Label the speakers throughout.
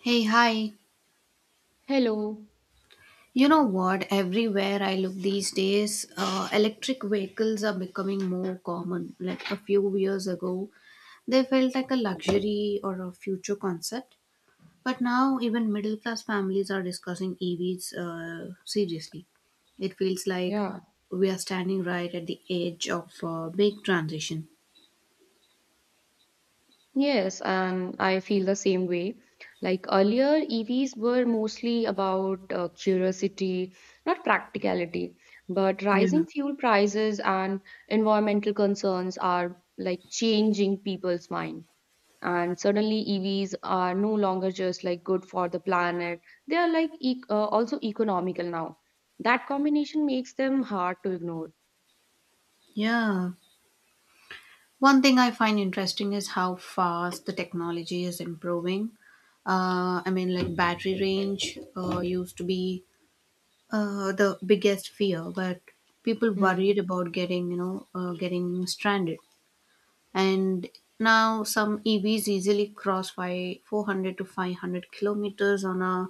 Speaker 1: Hey, hi.
Speaker 2: Hello.
Speaker 1: You know what? Everywhere I look these days, electric vehicles are becoming more common. Like a few years ago, they felt like a luxury or a future concept. But now, even middle class families are discussing EVs seriously. It feels like
Speaker 2: Yeah,
Speaker 1: we are standing right at the edge of a big transition.
Speaker 2: Yes, and I feel the same way. Like earlier, EVs were mostly about curiosity, not practicality. But
Speaker 1: Yeah.
Speaker 2: rising fuel prices and environmental concerns are like changing people's mind. And suddenly, EVs are no longer just like good for the planet. They are like e also economical now. That combination makes them hard to ignore.
Speaker 1: Yeah. One thing I find interesting is how fast the technology is improving. I mean, like battery range used to be the biggest fear, but people
Speaker 2: Hmm.
Speaker 1: worried about getting stranded. And now some EVs easily cross by 400 to 500 kilometers on a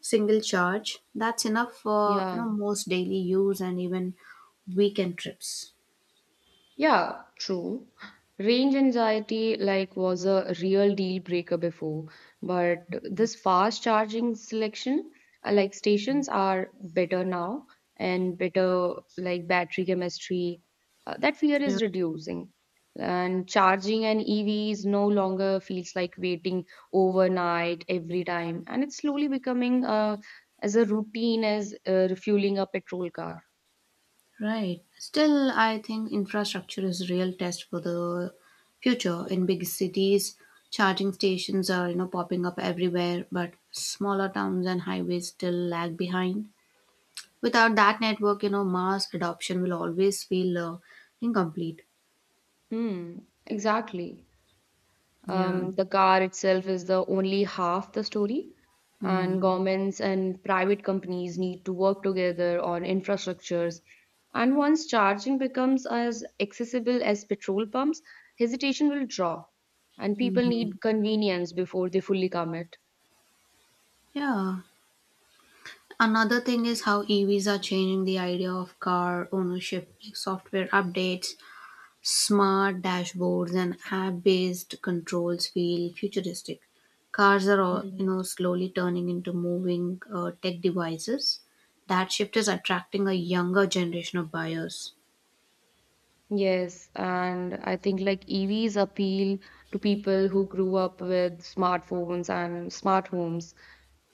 Speaker 1: single charge. That's enough for
Speaker 2: Yeah.
Speaker 1: most daily use and even weekend trips.
Speaker 2: Yeah, true. Range anxiety like was a real deal breaker before, but this fast charging selection like stations are better now and better like battery chemistry. That fear
Speaker 1: Yeah.
Speaker 2: is reducing. And charging an EVs no longer feels like waiting overnight every time, and it's slowly becoming as a routine as refueling a petrol car.
Speaker 1: Right. Still, I think infrastructure is a real test for the future. In big cities, charging stations are popping up everywhere, but smaller towns and highways still lag behind. Without that network, mass adoption will always feel incomplete.
Speaker 2: Hmm, exactly.
Speaker 1: Yeah.
Speaker 2: The car itself is the only half the story,
Speaker 1: Mm.
Speaker 2: and governments and private companies need to work together on infrastructures. And once charging becomes as accessible as petrol pumps, hesitation will drop, and people
Speaker 1: Mhm.
Speaker 2: need convenience before they fully commit.
Speaker 1: Yeah. Another thing is how EVs are changing the idea of car ownership, like software updates. Smart dashboards and app-based controls feel futuristic. Cars are, all,
Speaker 2: Mm.
Speaker 1: slowly turning into moving tech devices. That shift is attracting a younger generation of buyers.
Speaker 2: Yes, and I think like EVs appeal to people who grew up with smartphones and smart homes.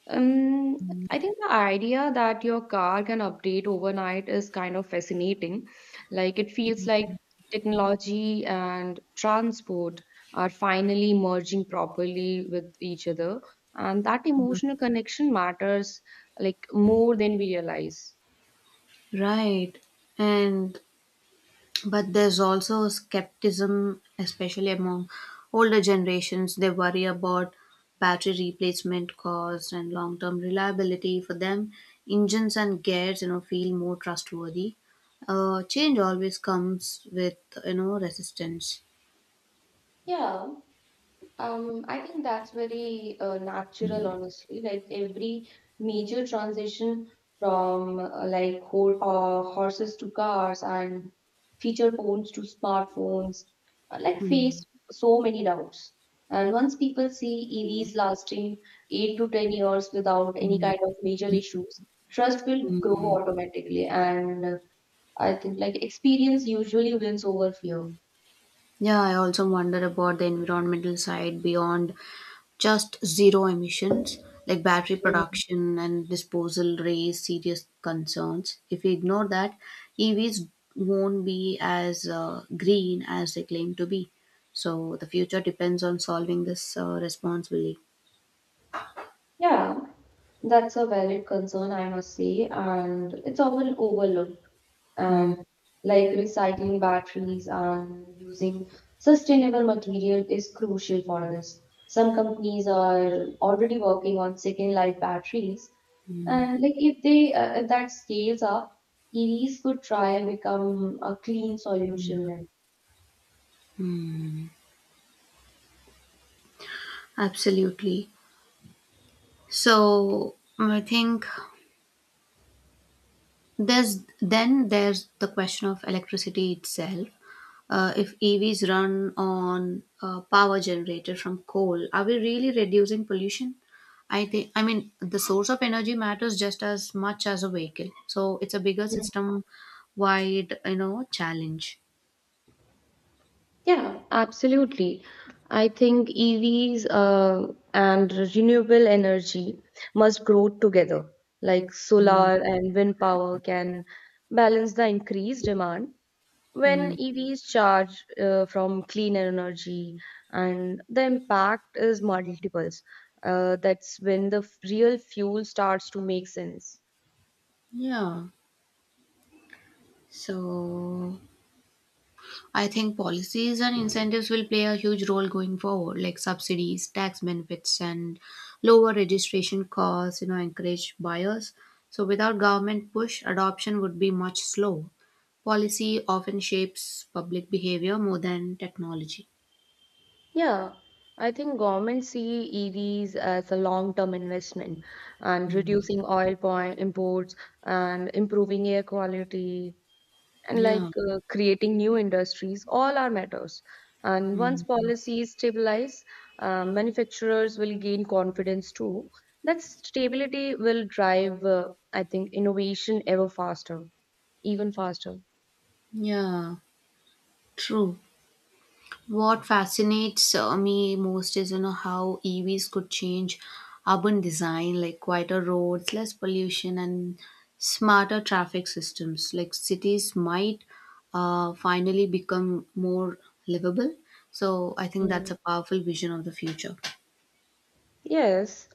Speaker 2: Um, I think the idea that your car can update overnight is kind of fascinating. Like it feels like technology and transport are finally merging properly with each other, and that emotional connection matters like more than we realize.
Speaker 1: Right. And but there's also a skepticism, especially among older generations. They worry about battery replacement cost and long-term reliability. For them, engines and gears, feel more trustworthy. Change always comes with resistance.
Speaker 2: Yeah, I think that's very natural, honestly. Like every major transition from like ho horses to cars and feature phones to smartphones, like face
Speaker 1: Hmm.
Speaker 2: so many doubts. And once people see EVs lasting 8 to 10 years without any kind of major issues, trust will grow automatically. And I think like experience usually wins over fear.
Speaker 1: Yeah, I also wonder about the environmental side beyond just zero emissions. Like, battery
Speaker 2: Mm.
Speaker 1: production and disposal raise serious concerns. If we ignore that, EVs won't be as green as they claim to be, so the future depends on solving this responsibly.
Speaker 2: Yeah, that's a valid concern, I must say, and it's often overlooked.
Speaker 1: Mm,
Speaker 2: And like recycling batteries and using sustainable material is crucial for this. Some companies are already working on second life batteries, and if that scales up, EVs could try and become a clean solution
Speaker 1: yeah.
Speaker 2: then.
Speaker 1: Mm, absolutely. So I think there's the question of electricity itself. If EVs run on power generated from coal, are we really reducing pollution? I think, I mean, the source of energy matters just as much as a vehicle. So it's a bigger system wide challenge.
Speaker 2: Yeah, absolutely. I think EVs and renewable energy must grow together. Like
Speaker 1: Mm,
Speaker 2: solar and wind power can balance the increased demand when
Speaker 1: mm.
Speaker 2: EVs charge from clean energy, and the impact is multiples. That's when the real fuel starts to make sense.
Speaker 1: Yeah. So I think policies and incentives will play a huge role going forward, like subsidies, tax benefits, and lower registration costs, encourage buyers. So without government push, adoption would be much slow. Policy often shapes public behavior more than technology.
Speaker 2: Yeah, I think governments see EVs as a long-term investment and reducing oil point imports and improving air quality and like
Speaker 1: Yeah,
Speaker 2: creating new industries, all are matters. And once policies stabilize, manufacturers will gain confidence too. That stability will drive, innovation ever faster, even faster.
Speaker 1: yeah, true. What fascinates me most is how EVs could change urban design, like quieter roads, less pollution, and smarter traffic systems. Like cities might finally become more livable. So I think that's a powerful vision of the future.
Speaker 2: Yes.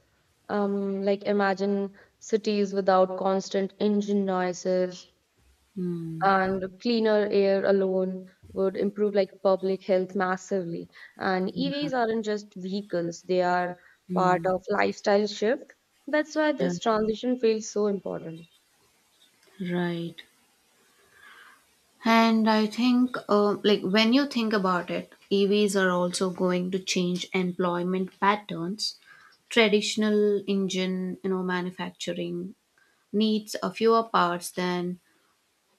Speaker 2: Like imagine cities without constant engine noises
Speaker 1: Hmm.
Speaker 2: and cleaner air alone would improve like public health massively. And
Speaker 1: Yeah.
Speaker 2: EVs aren't just vehicles, they are part
Speaker 1: Hmm.
Speaker 2: of lifestyle shift. That's why
Speaker 1: Yeah.
Speaker 2: this transition feels so important.
Speaker 1: Right. And I think, like, when you think about it, EVs are also going to change employment patterns. Traditional engine, manufacturing needs a fewer parts than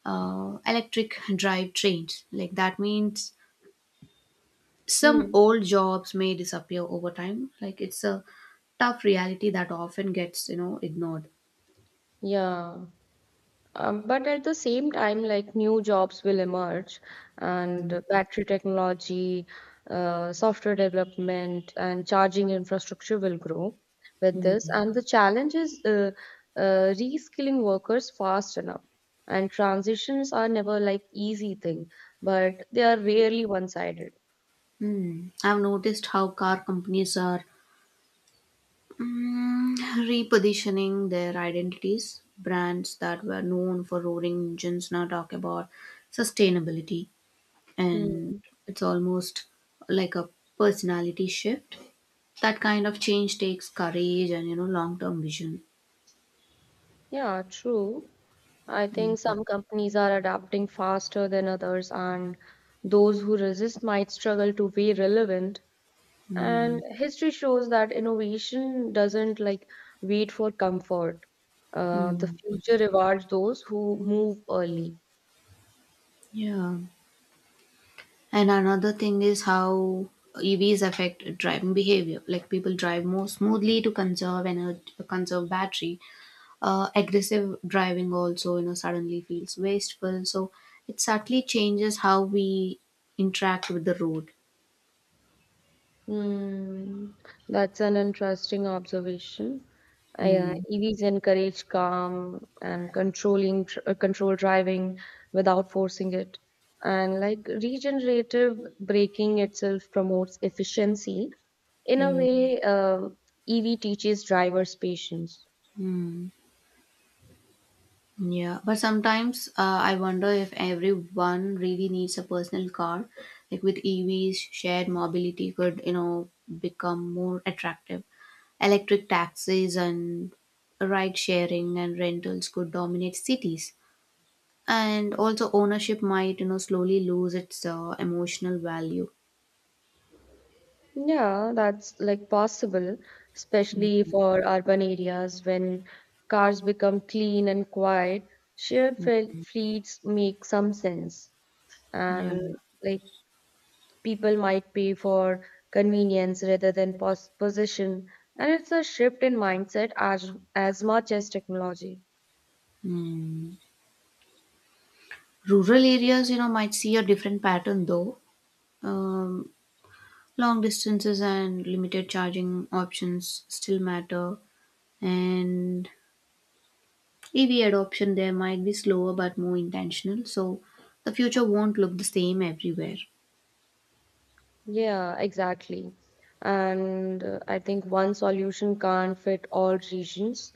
Speaker 1: electric drive trains. Like that means some
Speaker 2: Hmm.
Speaker 1: old jobs may disappear over time. Like it's a tough reality that often gets ignored.
Speaker 2: Yeah. But at the same time, like new jobs will emerge, and battery technology, software development, and charging infrastructure will grow with this. And the challenge is uh, reskilling workers fast enough. And transitions are never like easy thing, but they are rarely one-sided.
Speaker 1: Hmm. I've noticed how car companies are Mm, repositioning their identities. Brands that were known for roaring engines now talk about sustainability, and
Speaker 2: Hmm.
Speaker 1: it's almost like a personality shift. That kind of change takes courage and long term vision.
Speaker 2: Yeah, true. I think some companies are adapting faster than others, and those who resist might struggle to be relevant.
Speaker 1: Mm,
Speaker 2: And history shows that innovation doesn't like wait for comfort. The
Speaker 1: mm,
Speaker 2: future rewards those who move early.
Speaker 1: yeah. And another thing is how EVs affect driving behavior. Like people drive more smoothly to conserve energy, conserve battery. Aggressive driving also, suddenly feels wasteful. So it subtly changes how we interact with the road.
Speaker 2: Hmm, that's an interesting observation.
Speaker 1: Hmm.
Speaker 2: EVs encourage calm and controlled driving without forcing it. And like regenerative braking itself promotes efficiency. In a
Speaker 1: Hmm.
Speaker 2: way, EV teaches drivers patience.
Speaker 1: Hmm. Yeah, but sometimes I wonder if everyone really needs a personal car. Like with EVs, shared mobility could, become more attractive. Electric taxis and ride sharing and rentals could dominate cities. And also ownership might, slowly lose its emotional value.
Speaker 2: Yeah, that's like possible, especially for urban areas when cars become clean and quiet. Fleets make some sense,
Speaker 1: Yeah.
Speaker 2: and like people might pay for convenience rather than possession, and it's a shift in mindset as much as technology.
Speaker 1: Mm. Rural areas, might see a different pattern though. Um, long distances and limited charging options still matter, and EV adoption there might be slower but more intentional. So the future won't look the same everywhere.
Speaker 2: Yeah, exactly. And I think one solution can't fit all regions.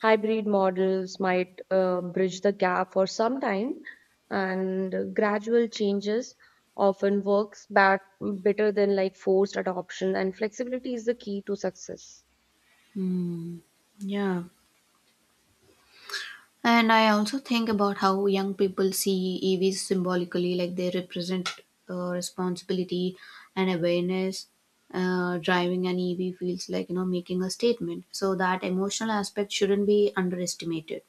Speaker 2: Hybrid models might bridge the gap for some time, and gradual changes often works back better than like forced adoption, and flexibility is the key to success.
Speaker 1: Hmm. Yeah. And I also think about how young people see EVs symbolically, like they represent responsibility and awareness. Driving an EV feels like making a statement, so that emotional aspect shouldn't be underestimated.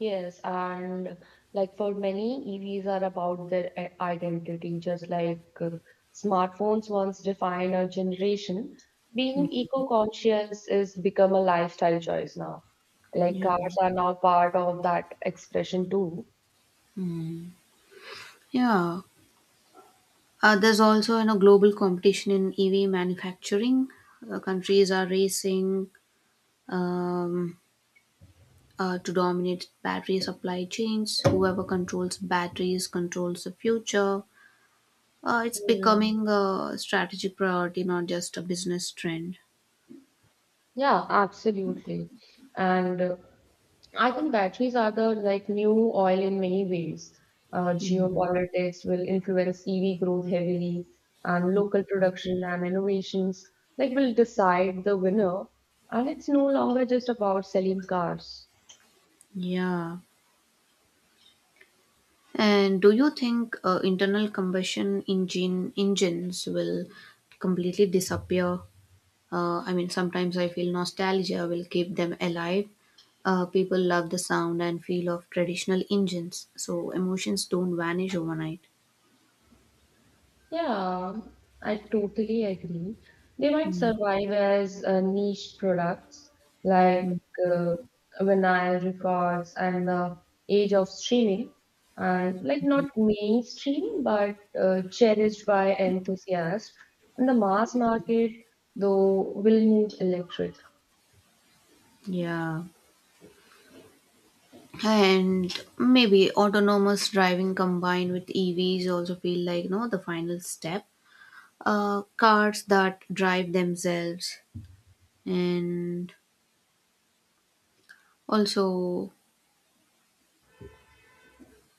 Speaker 2: Yes, and like for many, EVs are about their identity, just like smartphones once defined a generation. Being eco-conscious is become a lifestyle choice now. Like
Speaker 1: Yeah,
Speaker 2: cars are now part of that expression too.
Speaker 1: yeah. There's also global competition in EV manufacturing. Countries are racing um, to dominate battery supply chains. Whoever controls batteries controls the future. It's becoming a strategic priority, not just a business trend.
Speaker 2: Yeah, absolutely. And I think batteries are the like new oil in many ways. Geopolitics will influence EV growth heavily, and local production and innovations like will decide the winner. And it's no longer just about selling cars.
Speaker 1: Yeah. And do you think internal combustion engines will completely disappear? I mean, sometimes I feel nostalgia will keep them alive. People love the sound and feel of traditional engines, so emotions don't vanish overnight.
Speaker 2: Yeah, I totally agree. They might survive as niche products like uh, vinyl records and the age of streaming, and like not mainstream but cherished by enthusiasts. And the mass market, though, will need electric.
Speaker 1: Yeah. And maybe autonomous driving combined with EVs also feel like, no, the final step. Cars that drive themselves and also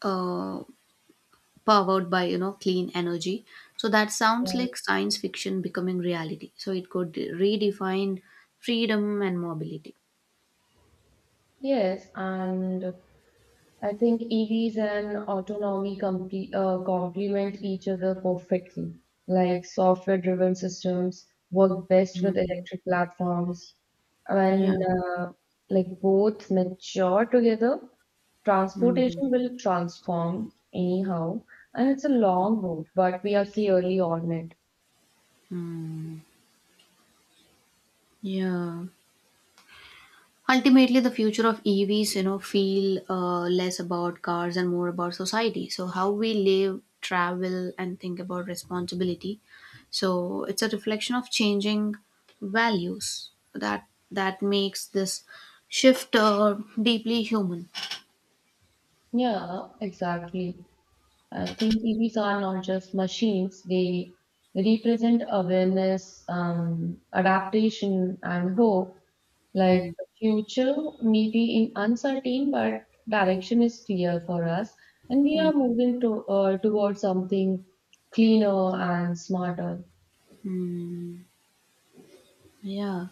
Speaker 1: uh, powered by clean energy, so that sounds
Speaker 2: Yeah.
Speaker 1: like science fiction becoming reality, so it could redefine freedom and mobility.
Speaker 2: Yes, and I think EVs and autonomy complement each other perfectly. Like software driven systems work best with electric platforms.
Speaker 1: Yeah.
Speaker 2: When like both mature together,
Speaker 1: Mm,
Speaker 2: transportation will transform anyhow. And it's a long road, but we are clearly on it.
Speaker 1: mm. Yeah. Ultimately, the future of EVs, feel less about cars and more about society. So how we live, travel, and think about responsibility. So it's a reflection of changing values that makes this shift deeply human.
Speaker 2: Yeah, exactly. I think TVs are not just machines, they represent awareness, adaptation, and hope. Like the future may be in uncertain, but direction is clear for us, and we are moving towards something cleaner and smarter.
Speaker 1: Yeah.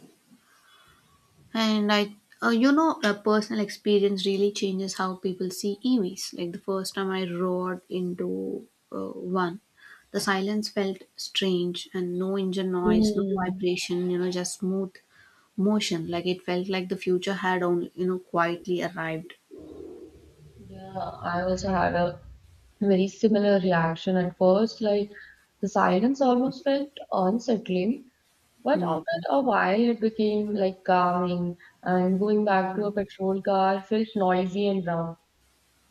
Speaker 1: And a personal experience really changes how people see EVs. Like the first time I rode into one, the silence felt strange and no engine noise, no
Speaker 2: Mm.
Speaker 1: vibration, just smooth motion. Like it felt like the future had only, quietly arrived.
Speaker 2: Yeah, I also had a very similar reaction at first. Like the silence almost felt unsettling, but after a while, it became like calming, and going back to a patrol car felt noisy and wrong.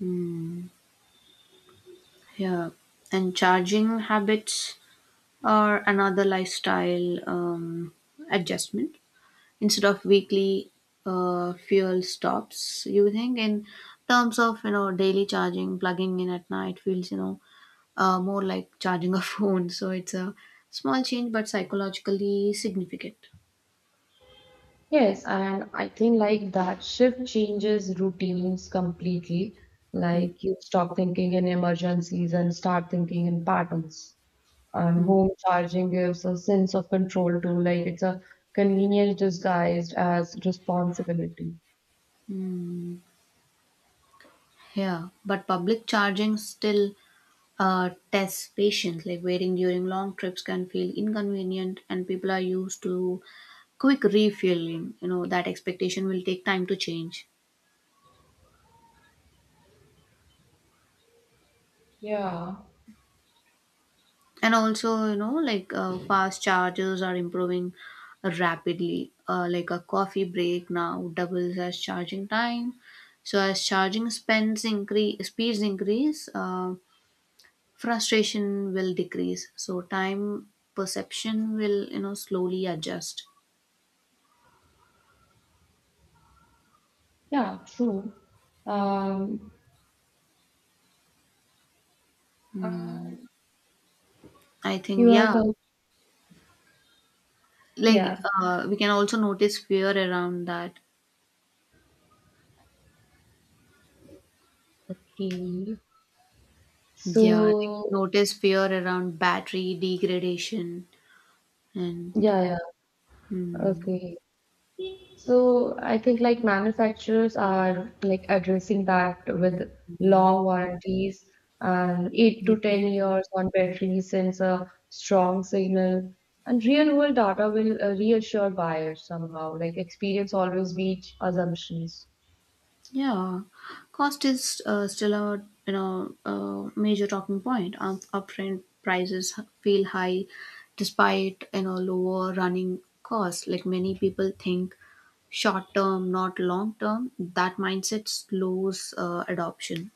Speaker 1: Mm, yeah. And charging habits are another lifestyle adjustment. Instead of weekly fuel stops, you think in terms of daily charging. Plugging in at night feels more like charging a phone. So it's a small change but psychologically significant.
Speaker 2: Yes, and I think like that shift changes routines completely.
Speaker 1: Mm,
Speaker 2: Like you stop thinking in emergencies and start thinking in patterns. And
Speaker 1: mm,
Speaker 2: home charging gives a sense of control too. Like it's a convenience disguised as responsibility.
Speaker 1: mm. Yeah, but public charging still tests patience. Like, waiting during long trips can feel inconvenient, and people are used to quick refueling. That expectation will take time to change.
Speaker 2: Yeah.
Speaker 1: And also like fast chargers are improving rapidly. Like a coffee break now doubles as charging time. So as charging spends increase, speeds increase frustration will decrease. So time perception will slowly adjust.
Speaker 2: Yeah, true. Um, uh,
Speaker 1: Mm, I think
Speaker 2: you are,
Speaker 1: yeah,
Speaker 2: com-
Speaker 1: like
Speaker 2: yeah.
Speaker 1: we can also notice fear around that.
Speaker 2: Okay.
Speaker 1: Yeah, like
Speaker 2: So,
Speaker 1: notice fear around battery degradation. And
Speaker 2: yeah, yeah.
Speaker 1: mm,
Speaker 2: Okay. So, I think like manufacturers are like addressing that with long warranties and 8
Speaker 1: yeah.
Speaker 2: to 10 years on battery sends a strong signal. And real world data will reassure buyers somehow. Like, experience always beats assumptions.
Speaker 1: Yeah, cost is still a you know a major talking point. Upfront prices feel high, despite lower running costs. Like many people think short term, not long term. That mindset slows adoption.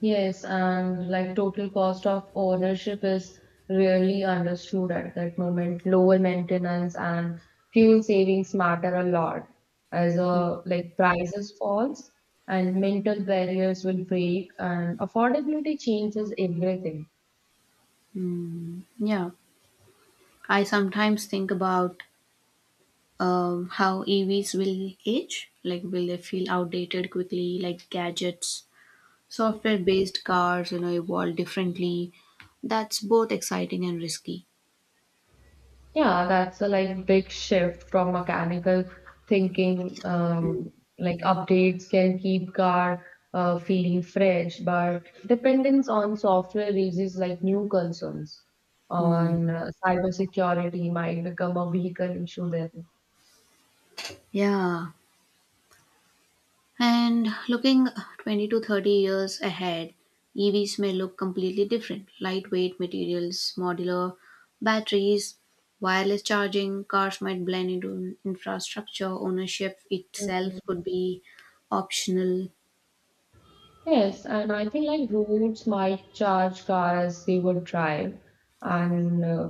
Speaker 2: Yes, and like total cost of ownership is really understood at that moment. Lower maintenance and fuel savings matter a lot as like prices falls and mental barriers will break and affordability changes everything.
Speaker 1: Yeah, I sometimes think about how EVs will age. Like, will they feel outdated quickly, like gadgets? Software based cars, evolve differently. That's both exciting and risky.
Speaker 2: Yeah, that's a like big shift from mechanical thinking. Like updates can keep car feeling fresh, but dependence on software raises like new concerns
Speaker 1: Mm.
Speaker 2: on cybersecurity might become a vehicle issue then.
Speaker 1: Yeah. And looking 20 to 30 years ahead, EVs may look completely different. Lightweight materials, modular batteries, wireless charging, cars might blend into infrastructure, ownership itself could be optional.
Speaker 2: Yes, and I think like roads might charge cars they would drive, and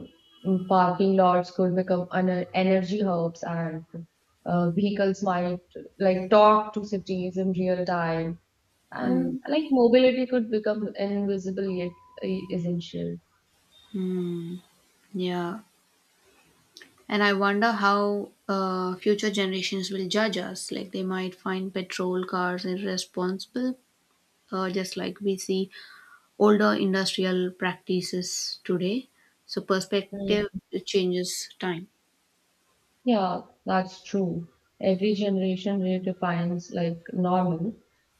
Speaker 2: parking lots could become an energy hubs, and vehicles might like talk to cities in real time,
Speaker 1: Mm,
Speaker 2: and like mobility could become invisible yet uh, essential.
Speaker 1: yeah. And I wonder how future generations will judge us. Like they might find petrol cars irresponsible, just like we see older industrial practices today. So perspective changes time.
Speaker 2: Yeah, that's true. Every generation redefines like normal.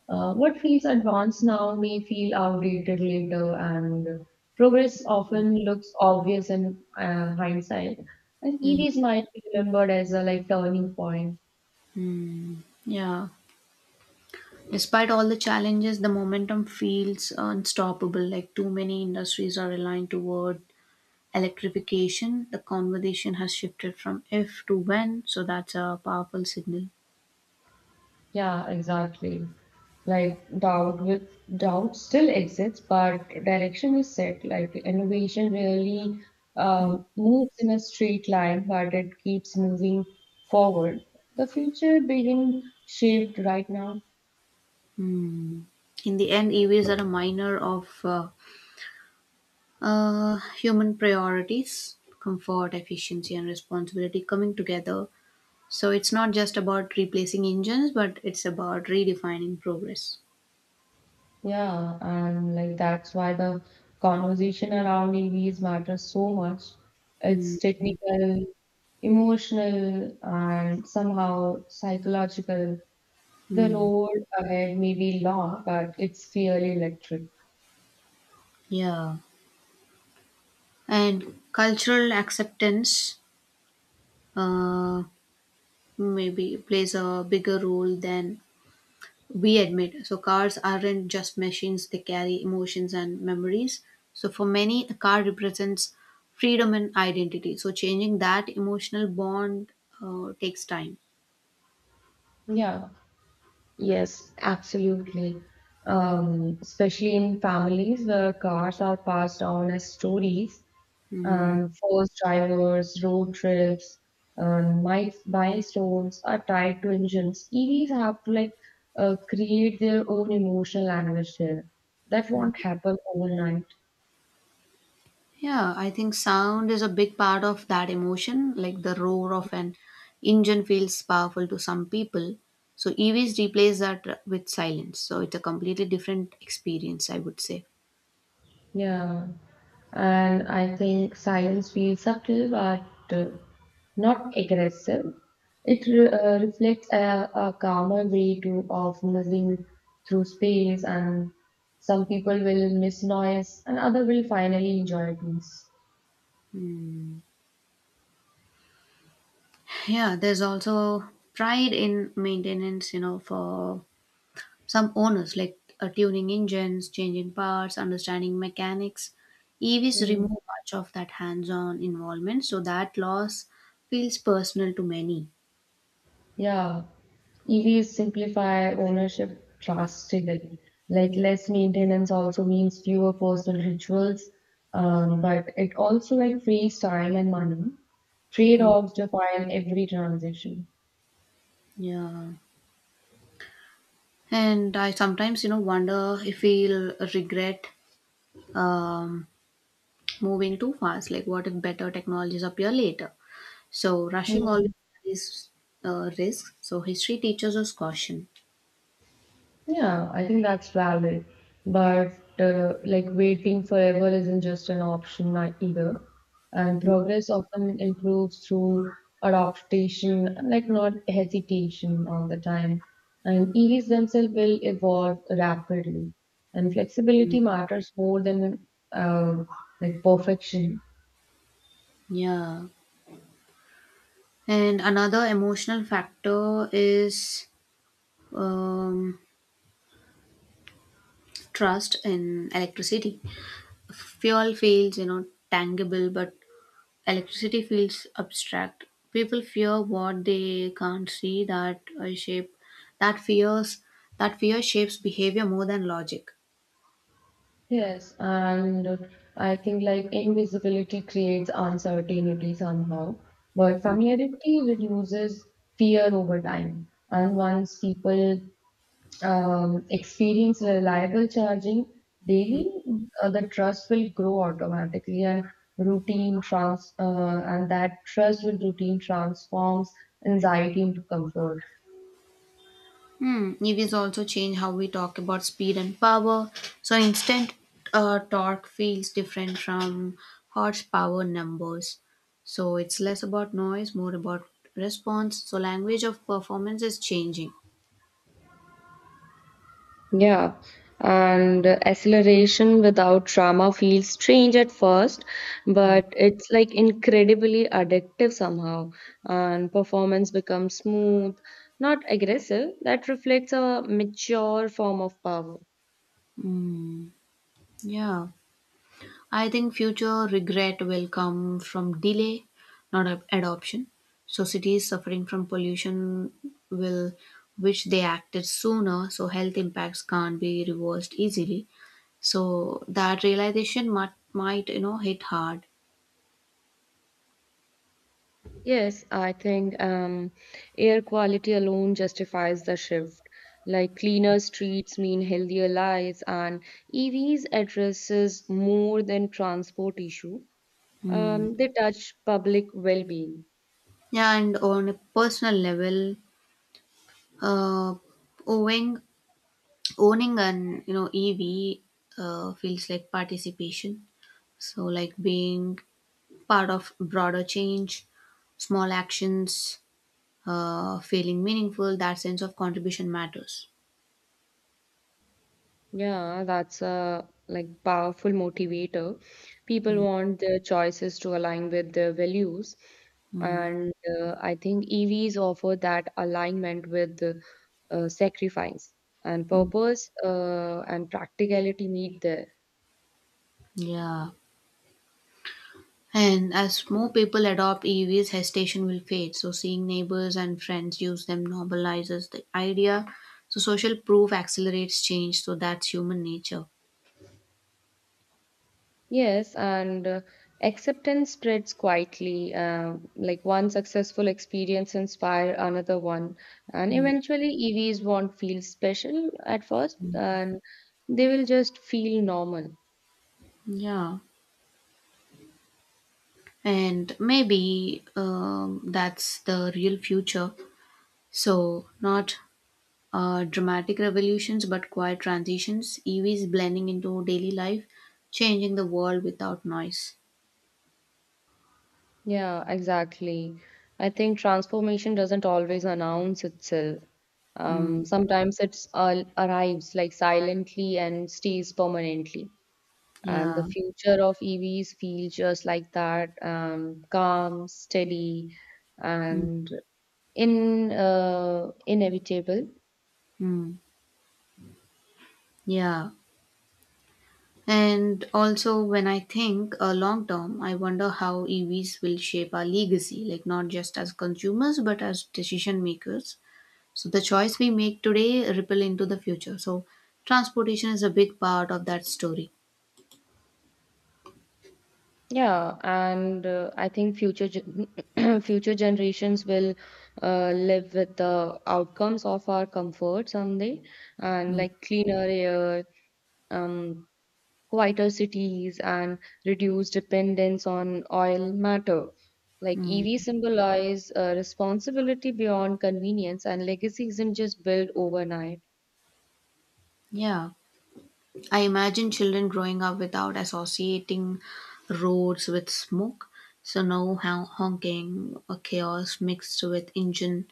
Speaker 2: What feels advanced now may feel outdated later, and progress often looks obvious in hindsight. And EVs
Speaker 1: Mm.
Speaker 2: might be remembered as a like turning point.
Speaker 1: Yeah. Despite all the challenges, the momentum feels unstoppable. Like too many industries are aligned toward electrification. The conversation has shifted from if to when. So that's a powerful signal.
Speaker 2: Yeah, exactly. Like doubt still exists, but direction is set. Like innovation really moves in a straight line, but it keeps moving forward. The future being shaped right now.
Speaker 1: Hmm. In the end, EVs are a miner of human priorities, comfort, efficiency, and responsibility coming together. So it's not just about replacing engines, but it's about redefining progress.
Speaker 2: Yeah, and like that's why the conversation around EVs matters so much. It's technical, emotional, and somehow psychological. The road ahead may be long, but it's clearly electric.
Speaker 1: Yeah. And cultural acceptance uh, maybe plays a bigger role than we admit. So cars aren't just machines, they carry emotions and memories. So for many, a car represents freedom and identity. So changing that emotional bond takes time.
Speaker 2: Yeah, yes, absolutely. Especially in families where cars are passed down as stories, first drivers, road trips, milestones are tied to engines. EVs have to like create their own emotional language there. That won't happen overnight.
Speaker 1: Yeah, I think sound is a big part of that emotion. Like the roar of an engine feels powerful to some people. So EVs replace that with silence. So it's a completely different experience, I would say.
Speaker 2: Yeah. And I think silence feels subtle but uh, not aggressive. It reflects a calmer way of moving through space, and some people will miss noise, and other will finally enjoy peace.
Speaker 1: Yeah, there's also pride in maintenance, for some owners, like tuning engines, changing parts, understanding mechanics. EVs
Speaker 2: Hmm.
Speaker 1: remove much of that hands-on involvement, so that loss feels personal to many.
Speaker 2: Yeah, EVs simplify ownership drastically. Like less maintenance also means fewer personal rituals, but it also like frees time and money.
Speaker 1: Mm,
Speaker 2: Trade-offs define every transition.
Speaker 1: yeah. And I sometimes wonder if we'll regret um, moving too fast. Like what if better technologies appear later? So rushing always carries risks. So history teaches us caution.
Speaker 2: Yeah, I think that's valid. But like waiting forever isn't just an option either. And progress often improves through adaptation, like not hesitation all the time. And EVs themselves will evolve rapidly. And flexibility matters more than like perfection.
Speaker 1: Yeah. And another emotional factor is um, trust in electricity. Fuel feels, tangible, but electricity feels abstract. People fear what they can't see. That fears, that fear shapes behavior more than logic.
Speaker 2: Yes, and I think like invisibility creates uncertainty somehow, but familiarity reduces fear over time. And once people experience reliable charging daily, the trust will grow automatically, and routine trans and that trust with routine transforms anxiety into comfort.
Speaker 1: Hmm. EVs also change how we talk about speed and power. So instant torque feels different from horsepower numbers. So it's less about noise, more about response. So language of performance is changing.
Speaker 2: Yeah, and acceleration without trauma feels strange at first, but it's like incredibly addictive somehow, and performance becomes smooth, not aggressive. That reflects a mature form of power.
Speaker 1: Mm, yeah, I think future regret will come from delay, not adoption. So cities suffering from pollution will wish they acted sooner, so health impacts can't be reversed easily. So that realization might hit hard.
Speaker 2: Yes, I think air quality alone justifies the shift. Like cleaner streets mean healthier lives, and EVs addresses more than transport issue.
Speaker 1: Mm.
Speaker 2: They touch public well-being.
Speaker 1: Yeah, and on a personal level, uh, owning owning an EV feels like participation. So like being part of broader change, small actions, feeling meaningful, that sense of contribution matters.
Speaker 2: Yeah, that's a like powerful motivator. People want their choices to align with their values,
Speaker 1: Mm,
Speaker 2: and I think EVs offer that alignment with sacrifice and
Speaker 1: mm,
Speaker 2: purpose and practicality meet there.
Speaker 1: yeah. And as more people adopt EVs, hesitation will fade. So, seeing neighbors and friends use them normalizes the idea. So, social proof accelerates change. So, that's human nature.
Speaker 2: Yes, and acceptance spreads quietly. Like one successful experience inspire another one, and
Speaker 1: Mm,
Speaker 2: eventually EVs won't feel special at first, and they will just feel normal.
Speaker 1: yeah. And maybe that's the real future. So, not dramatic revolutions but quiet transitions, EVs blending into daily life, changing the world without noise.
Speaker 2: Yeah, exactly. I think transformation doesn't always announce itself.
Speaker 1: Mm,
Speaker 2: Sometimes it's all arrives like silently and stays permanently. And the
Speaker 1: yeah.
Speaker 2: future of EVs feels just like that, calm, steady,
Speaker 1: Mm,
Speaker 2: and in inevitable.
Speaker 1: mm, yeah. And also, when I think long term, I wonder how EVs will shape our legacy, like not just as consumers, but as decision makers. So, the choice we make today ripple into the future. So, transportation is a big part of that story.
Speaker 2: Yeah, and I think future gen future generations will live with the outcomes of our comfort someday, and
Speaker 1: Mm,
Speaker 2: like cleaner air, um, quieter cities and reduce dependence on oil matter. Like EV
Speaker 1: mm,
Speaker 2: symbolize a responsibility beyond convenience, and legacy isn't just built overnight.
Speaker 1: yeah. I imagine children growing up without associating roads with smoke. So no honking or chaos mixed with engine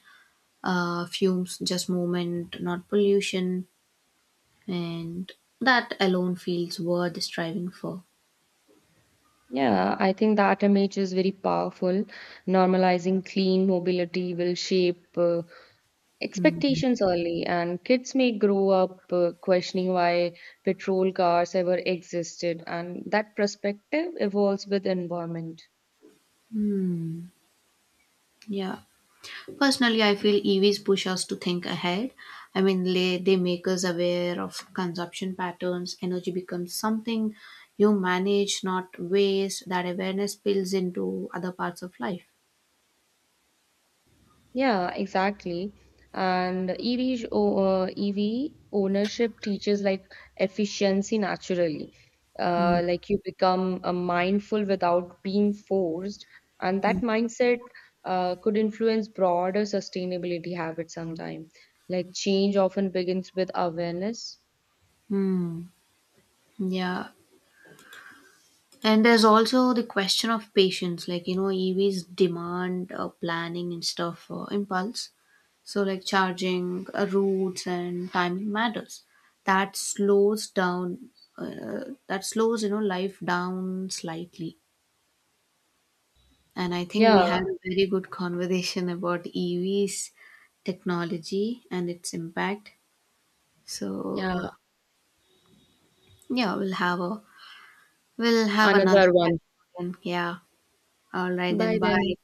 Speaker 1: fumes, just movement, not pollution. And that alone feels worth striving for.
Speaker 2: Yeah, I think that image is very powerful. Normalizing clean mobility will shape
Speaker 1: Hmm.
Speaker 2: expectations early, and kids may grow up questioning why petrol cars ever existed, and that perspective evolves with environment.
Speaker 1: Hmm. Yeah. Personally, I feel EVs push us to think ahead. I mean, they make us aware of consumption patterns. Energy becomes something you manage, not waste. That awareness spills into other parts of life.
Speaker 2: Yeah, exactly. And EV ownership teaches like efficiency naturally.
Speaker 1: Mm.
Speaker 2: Like you become mindful without being forced, and that mindset could influence broader sustainability habits sometime. Like change often begins with awareness.
Speaker 1: Hmm. Yeah. And there's also the question of patience, like EVs demand planning instead of impulse. So, like charging routes and timing matters. That slows down, that slows life down slightly. And I think we
Speaker 2: Yeah,
Speaker 1: had a very good conversation about EVs, technology, and its impact. So
Speaker 2: yeah,
Speaker 1: yeah, we'll have another
Speaker 2: another one.
Speaker 1: one. Yeah. All right then.
Speaker 2: Bye then.
Speaker 1: Bye.